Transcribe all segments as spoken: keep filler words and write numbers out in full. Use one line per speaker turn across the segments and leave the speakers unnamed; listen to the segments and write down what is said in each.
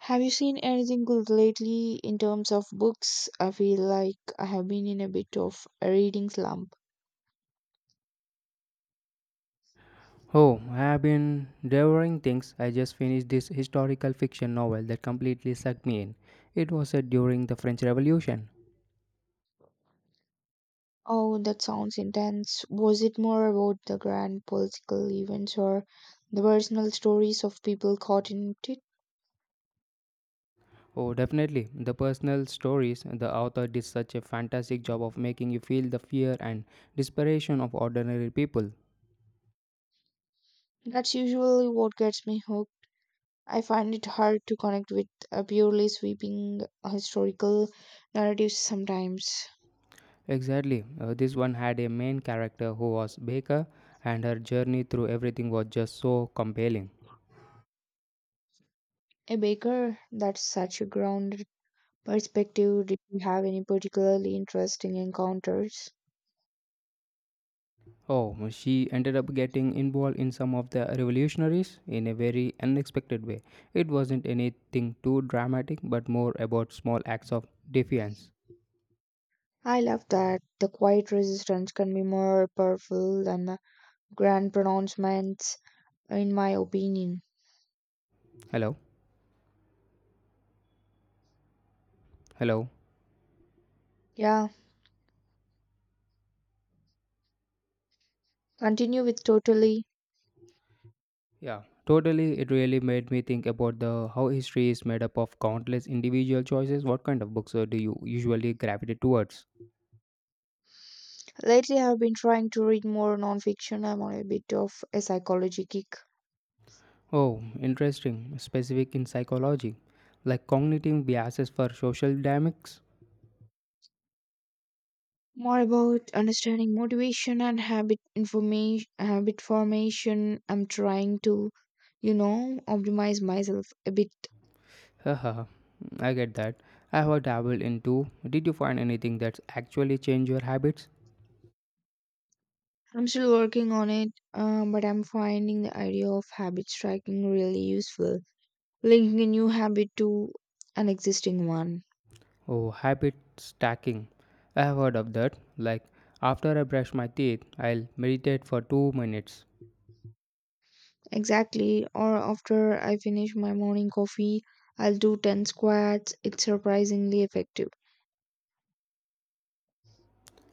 Have you seen anything good lately in terms of books? I feel like I have been in a bit of a reading slump.
Oh, I have been devouring things. I just finished this historical fiction novel that completely sucked me in. It was set during the French Revolution.
Oh, that sounds intense. Was it more about the grand political events or the personal stories of people caught in it?
Oh, definitely. The personal stories, the author did such a fantastic job of making you feel the fear and desperation of ordinary people.
That's usually what gets me hooked. I find it hard to connect with a purely sweeping historical narrative sometimes.
Exactly. Uh, this one had a main character who was Baker, and her journey through everything was just so compelling.
A baker, that's such a grounded perspective. Did you have any particularly interesting encounters?
Oh, she ended up getting involved in some of the revolutionaries in a very unexpected way. It wasn't anything too dramatic, but more about small acts of defiance.
I love that the quiet resistance can be more powerful than the grand pronouncements, in my opinion.
Hello? Hello?
Yeah, continue with totally.
Yeah, totally. It really made me think about the how history is made up of countless individual choices. What kind of books uh, do you usually gravitate towards?
Lately, I've been trying to read more nonfiction. I'm on a bit of a psychology kick.
Oh, interesting. Specific in psychology, like cognitive biases for social dynamics.
More about understanding motivation and habit information, habit formation. I'm trying to, you know, optimize myself a bit.
Haha, I get that. I have dabbled into. Did you find anything that's actually changed your habits?
I'm still working on it, um, but I'm finding the idea of habit striking really useful. Linking a new habit to an existing one.
Oh, habit stacking. I have heard of that. Like, after I brush my teeth, I'll meditate for two minutes.
Exactly. Or after I finish my morning coffee, I'll do ten squats. It's surprisingly effective.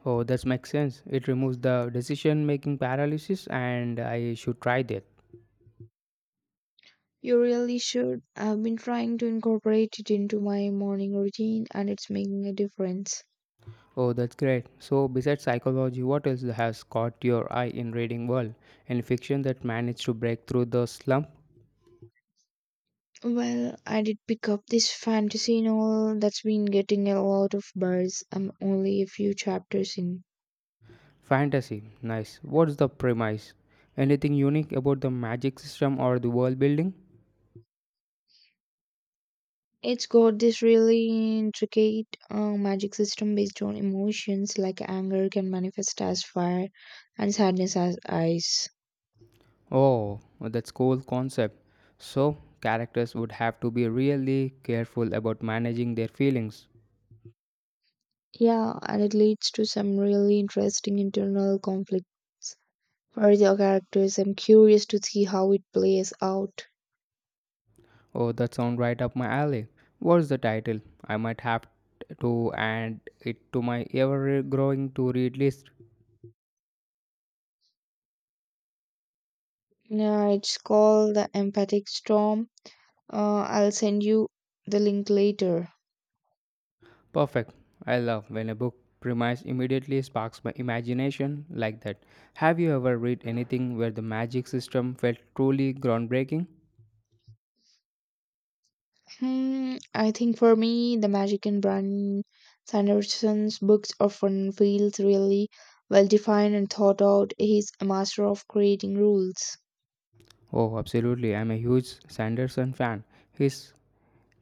Oh, that makes sense. It removes the decision making paralysis, and I should try that.
You really should. I've been trying to incorporate it into my morning routine and it's making a difference.
Oh, that's great. So, besides psychology, what else has caught your eye in reading world? Any fiction that managed to break through the slump?
Well, I did pick up this fantasy novel that's been getting a lot of buzz. I'm only a few chapters in.
Fantasy, nice. What's the premise? Anything unique about the magic system or the world building?
It's got this really intricate uh, magic system based on emotions, like anger can manifest as fire and sadness as ice.
Oh, that's cool concept. So, characters would have to be really careful about managing their feelings.
Yeah, and it leads to some really interesting internal conflicts for the characters. I'm curious to see how it plays out.
Oh, that sounds right up my alley. What's the title? I might have to add it to my ever growing to read list.
Yeah, it's called The Empathic Storm. Uh, I'll send you the link later.
Perfect. I love when a book premise immediately sparks my imagination like that. Have you ever read anything where the magic system felt truly groundbreaking?
Hmm, I think for me, the magic in Brian Sanderson's books often feels really well defined and thought out. He's a master of creating rules.
Oh, absolutely. I'm a huge Sanderson fan. His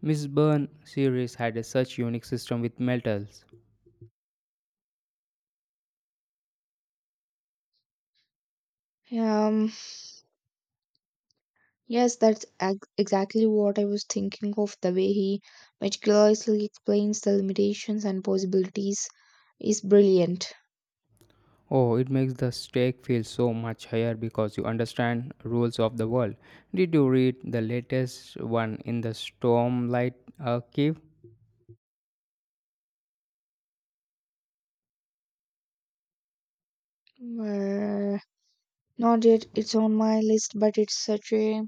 Miss Byrne series had a such unique system with metals.
Yeah, Um, yes, that's ex- exactly what I was thinking of. The way he meticulously explains the limitations and possibilities is brilliant.
Oh, it makes the stake feel so much higher because you understand rules of the world. Did you read the latest one in the Stormlight Archive?
Uh, Not yet, it's on my list, but it's such a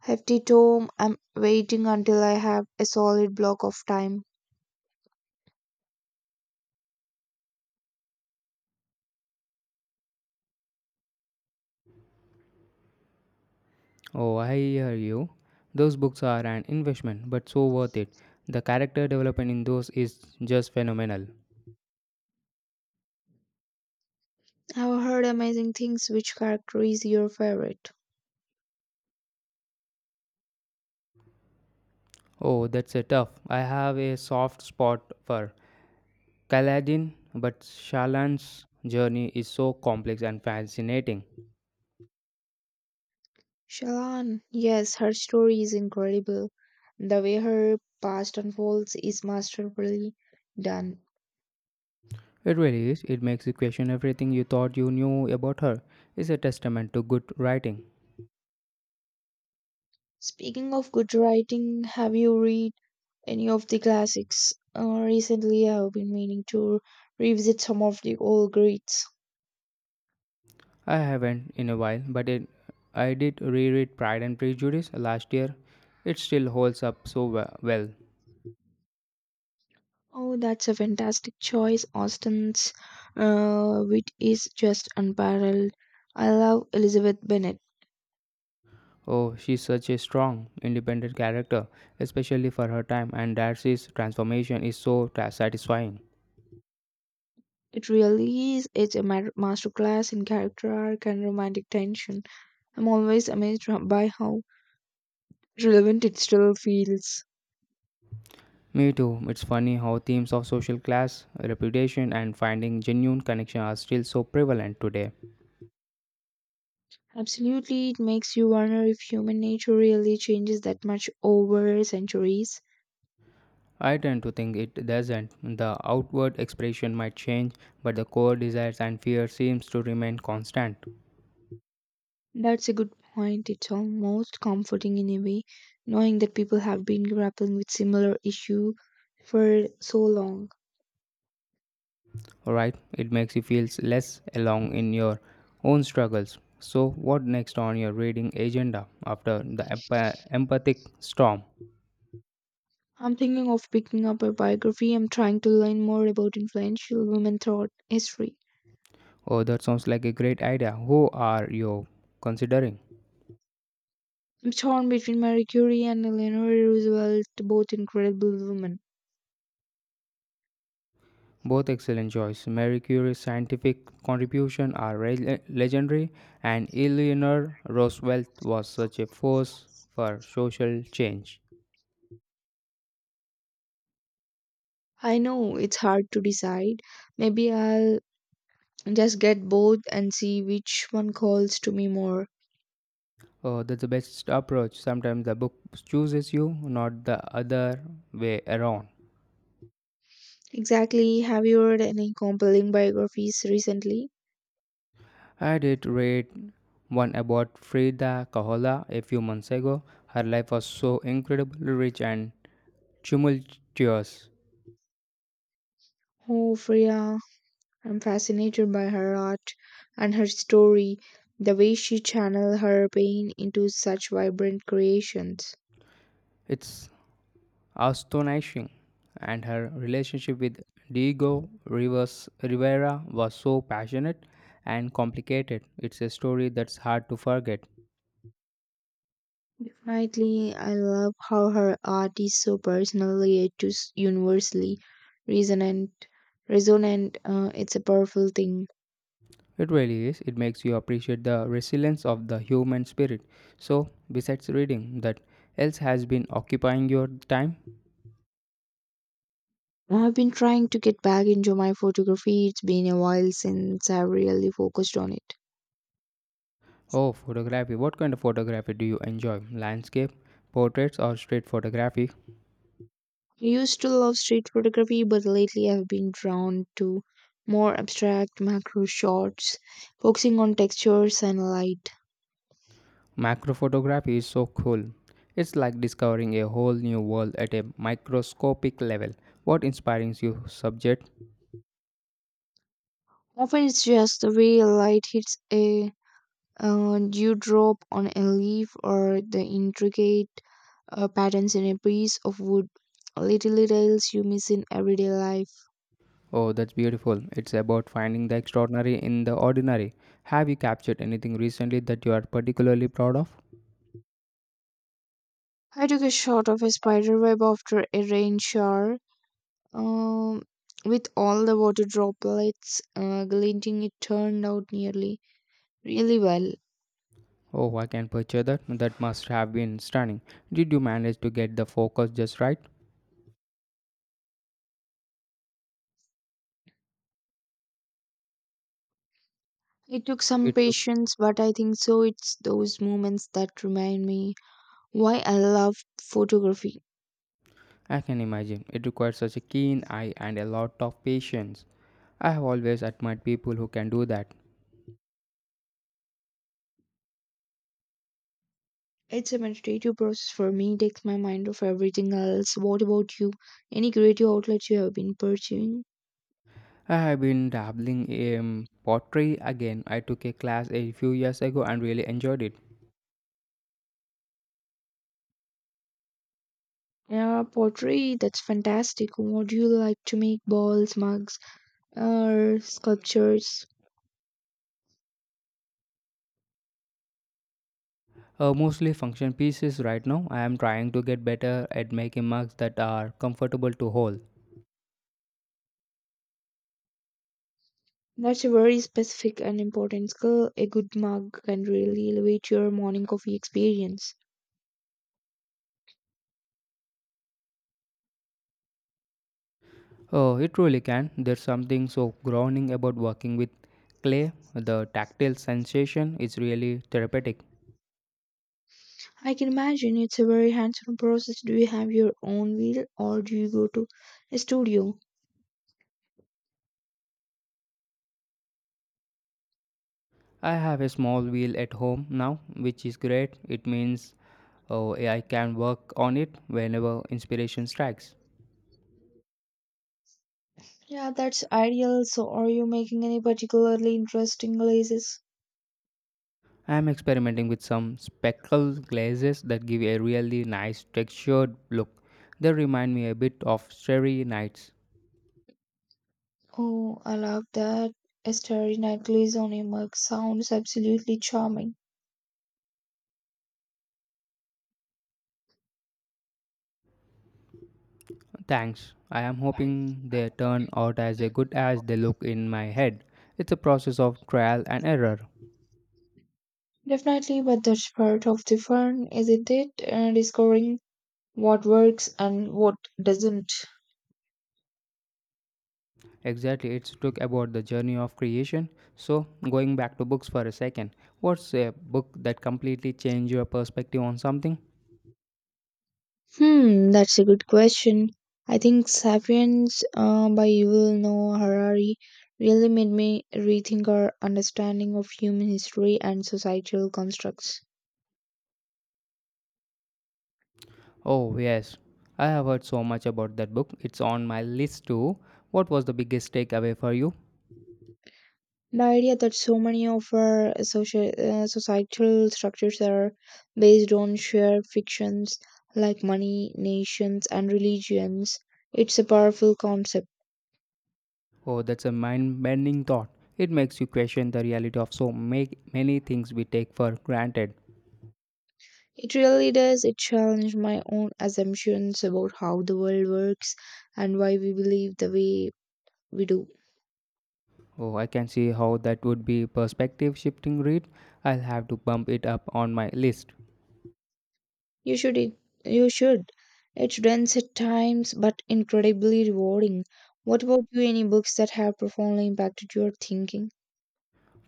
hefty tome. I'm waiting until I have a solid block of time.
Oh, I hear you. Those books are an investment, but so worth it. The character development in those is just phenomenal.
I've heard amazing things. Which character is your favorite?
Oh, that's a tough. I have a soft spot for Kaladin, but Shalan's journey is so complex and fascinating.
Shalon, yes, her story is incredible. The way her past unfolds is masterfully done.
It really is. It makes you question everything you thought you knew about her. It's a testament to good writing.
Speaking of good writing, have you read any of the classics? Uh, recently, I have been meaning to revisit some of the old greats.
I haven't in a while, but it, I did reread Pride and Prejudice last year. It still holds up so we- well.
Oh, that's a fantastic choice. Austen's uh, wit is just unparalleled. I love Elizabeth Bennet.
Oh, she's such a strong, independent character, especially for her time, and Darcy's transformation is so ta- satisfying.
It really is, it's a ma- masterclass in character arc and romantic tension. I'm always amazed ho- by how relevant it still feels.
Me too, it's funny how themes of social class, reputation, and finding genuine connection are still so prevalent today.
Absolutely, it makes you wonder if human nature really changes that much over centuries.
I tend to think it doesn't. The outward expression might change, but the core desires and fears seems to remain constant.
That's a good point. It's almost comforting in a way, knowing that people have been grappling with similar issue for so long.
Alright? It makes you feel less alone in your own struggles. So, what next on your reading agenda after the emp- empathic storm?
I'm thinking of picking up a biography. I'm trying to learn more about influential women throughout history.
Oh, that sounds like a great idea. Who are you considering?
Torn between Marie Curie and Eleanor Roosevelt, both incredible women.
Both excellent choice. Marie Curie's scientific contribution are re- legendary, and Eleanor Roosevelt was such a force for social change.
I know it's hard to decide. Maybe I'll just get both and see which one calls to me more.
Oh, that's the best approach. Sometimes the book chooses you, not the other way around.
Exactly. Have you read any compelling biographies recently?
I did read one about Frida Kahlo a few months ago. Her life was so incredibly rich and tumultuous.
Oh, Freya, I'm fascinated by her art and her story, the way she channeled her pain into such vibrant creations.
It's astonishing. And her relationship with Diego Rivers Rivera was so passionate and complicated. It's a story that's hard to forget.
Definitely, I love how her art is so personal yet just universally resonant. Resonant, uh, it's a powerful thing.
It really is. It makes you appreciate the resilience of the human spirit. So, besides reading, that else has been occupying your time?
I've been trying to get back into my photography. It's been a while since I really focused on it.
Oh, photography. What kind of photography do you enjoy? Landscape, portraits, or street photography?
I used to love street photography, but lately I've been drawn to more abstract macro shots, focusing on textures and light.
Macro photography is so cool. It's like discovering a whole new world at a microscopic level. What inspires you, subject?
Often it's just the way light hits a uh, dewdrop on a leaf or the intricate uh, patterns in a piece of wood. Little details you miss in everyday life.
Oh, that's beautiful. It's about finding the extraordinary in the ordinary. Have you captured anything recently that you are particularly proud of?
I took a shot of a spider web after a rain shower, Um, with all the water droplets uh, glinting, it turned out nearly really well.
Oh, I can picture that. That must have been stunning. Did you manage to get the focus just right?
It took some
It took
patience, but I think so. It's those moments that remind me why I love photography.
I can imagine. It requires such a keen eye and a lot of patience. I have always admired people who can do that.
It's a meditative process for me, it takes my mind off everything else. What about you? Any creative outlets you have been pursuing?
I have been dabbling in pottery again. I took a class a few years ago and really enjoyed it.
Yeah, pottery, that's fantastic. What do you like to make? Balls, mugs, or sculptures?
Uh, mostly function pieces right now. I am trying to get better at making mugs that are comfortable to hold.
That's a very specific and important skill. A good mug can really elevate your morning coffee experience.
Oh, it really can. There's something so grounding about working with clay. The tactile sensation is really therapeutic.
I can imagine it's a very hands on process. Do you have your own wheel or do you go to a studio?
I have a small wheel at home now, which is great. It means oh, I can work on it whenever inspiration strikes.
Yeah, that's ideal. So, are you making any particularly interesting glazes?
I am experimenting with some speckle glazes that give a really nice textured look. They remind me a bit of starry nights.
Oh, I love that. A starry night glaze on a mug sounds absolutely charming.
Thanks. I am hoping they turn out as good as they look in my head. It's a process of trial and error.
Definitely, but that's part of the fun, isn't it? Uh, discovering what works and what doesn't?
Exactly, it's took about the journey of creation. So, going back to books for a second, what's a book that completely changed your perspective on something?
Hmm, that's a good question. I think Sapiens uh, by Yuval Noah Harari really made me rethink our understanding of human history and societal constructs.
Oh, yes, I have heard so much about that book. It's on my list too. What was the biggest takeaway for you?
The idea that so many of our social, uh, societal structures are based on shared fictions like money, nations, and religions, it's a powerful concept.
Oh, that's a mind bending thought. It makes you question the reality of so make many things we take for granted.
It really does. It challenged my own assumptions about how the world works and why we believe the way we do.
Oh, I can see how that would be perspective shifting read. I'll have to bump it up on my list.
You should it, you should. It's dense at times but incredibly rewarding. What about you? Any books that have profoundly impacted your thinking?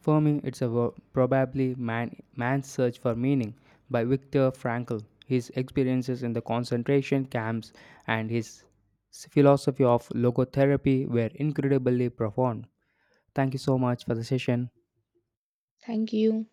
For me, it's a wo- probably man, Man's Search for Meaning by Viktor Frankl. His experiences in the concentration camps and his s- philosophy of logotherapy were incredibly profound. Thank you so much for the session.
Thank you.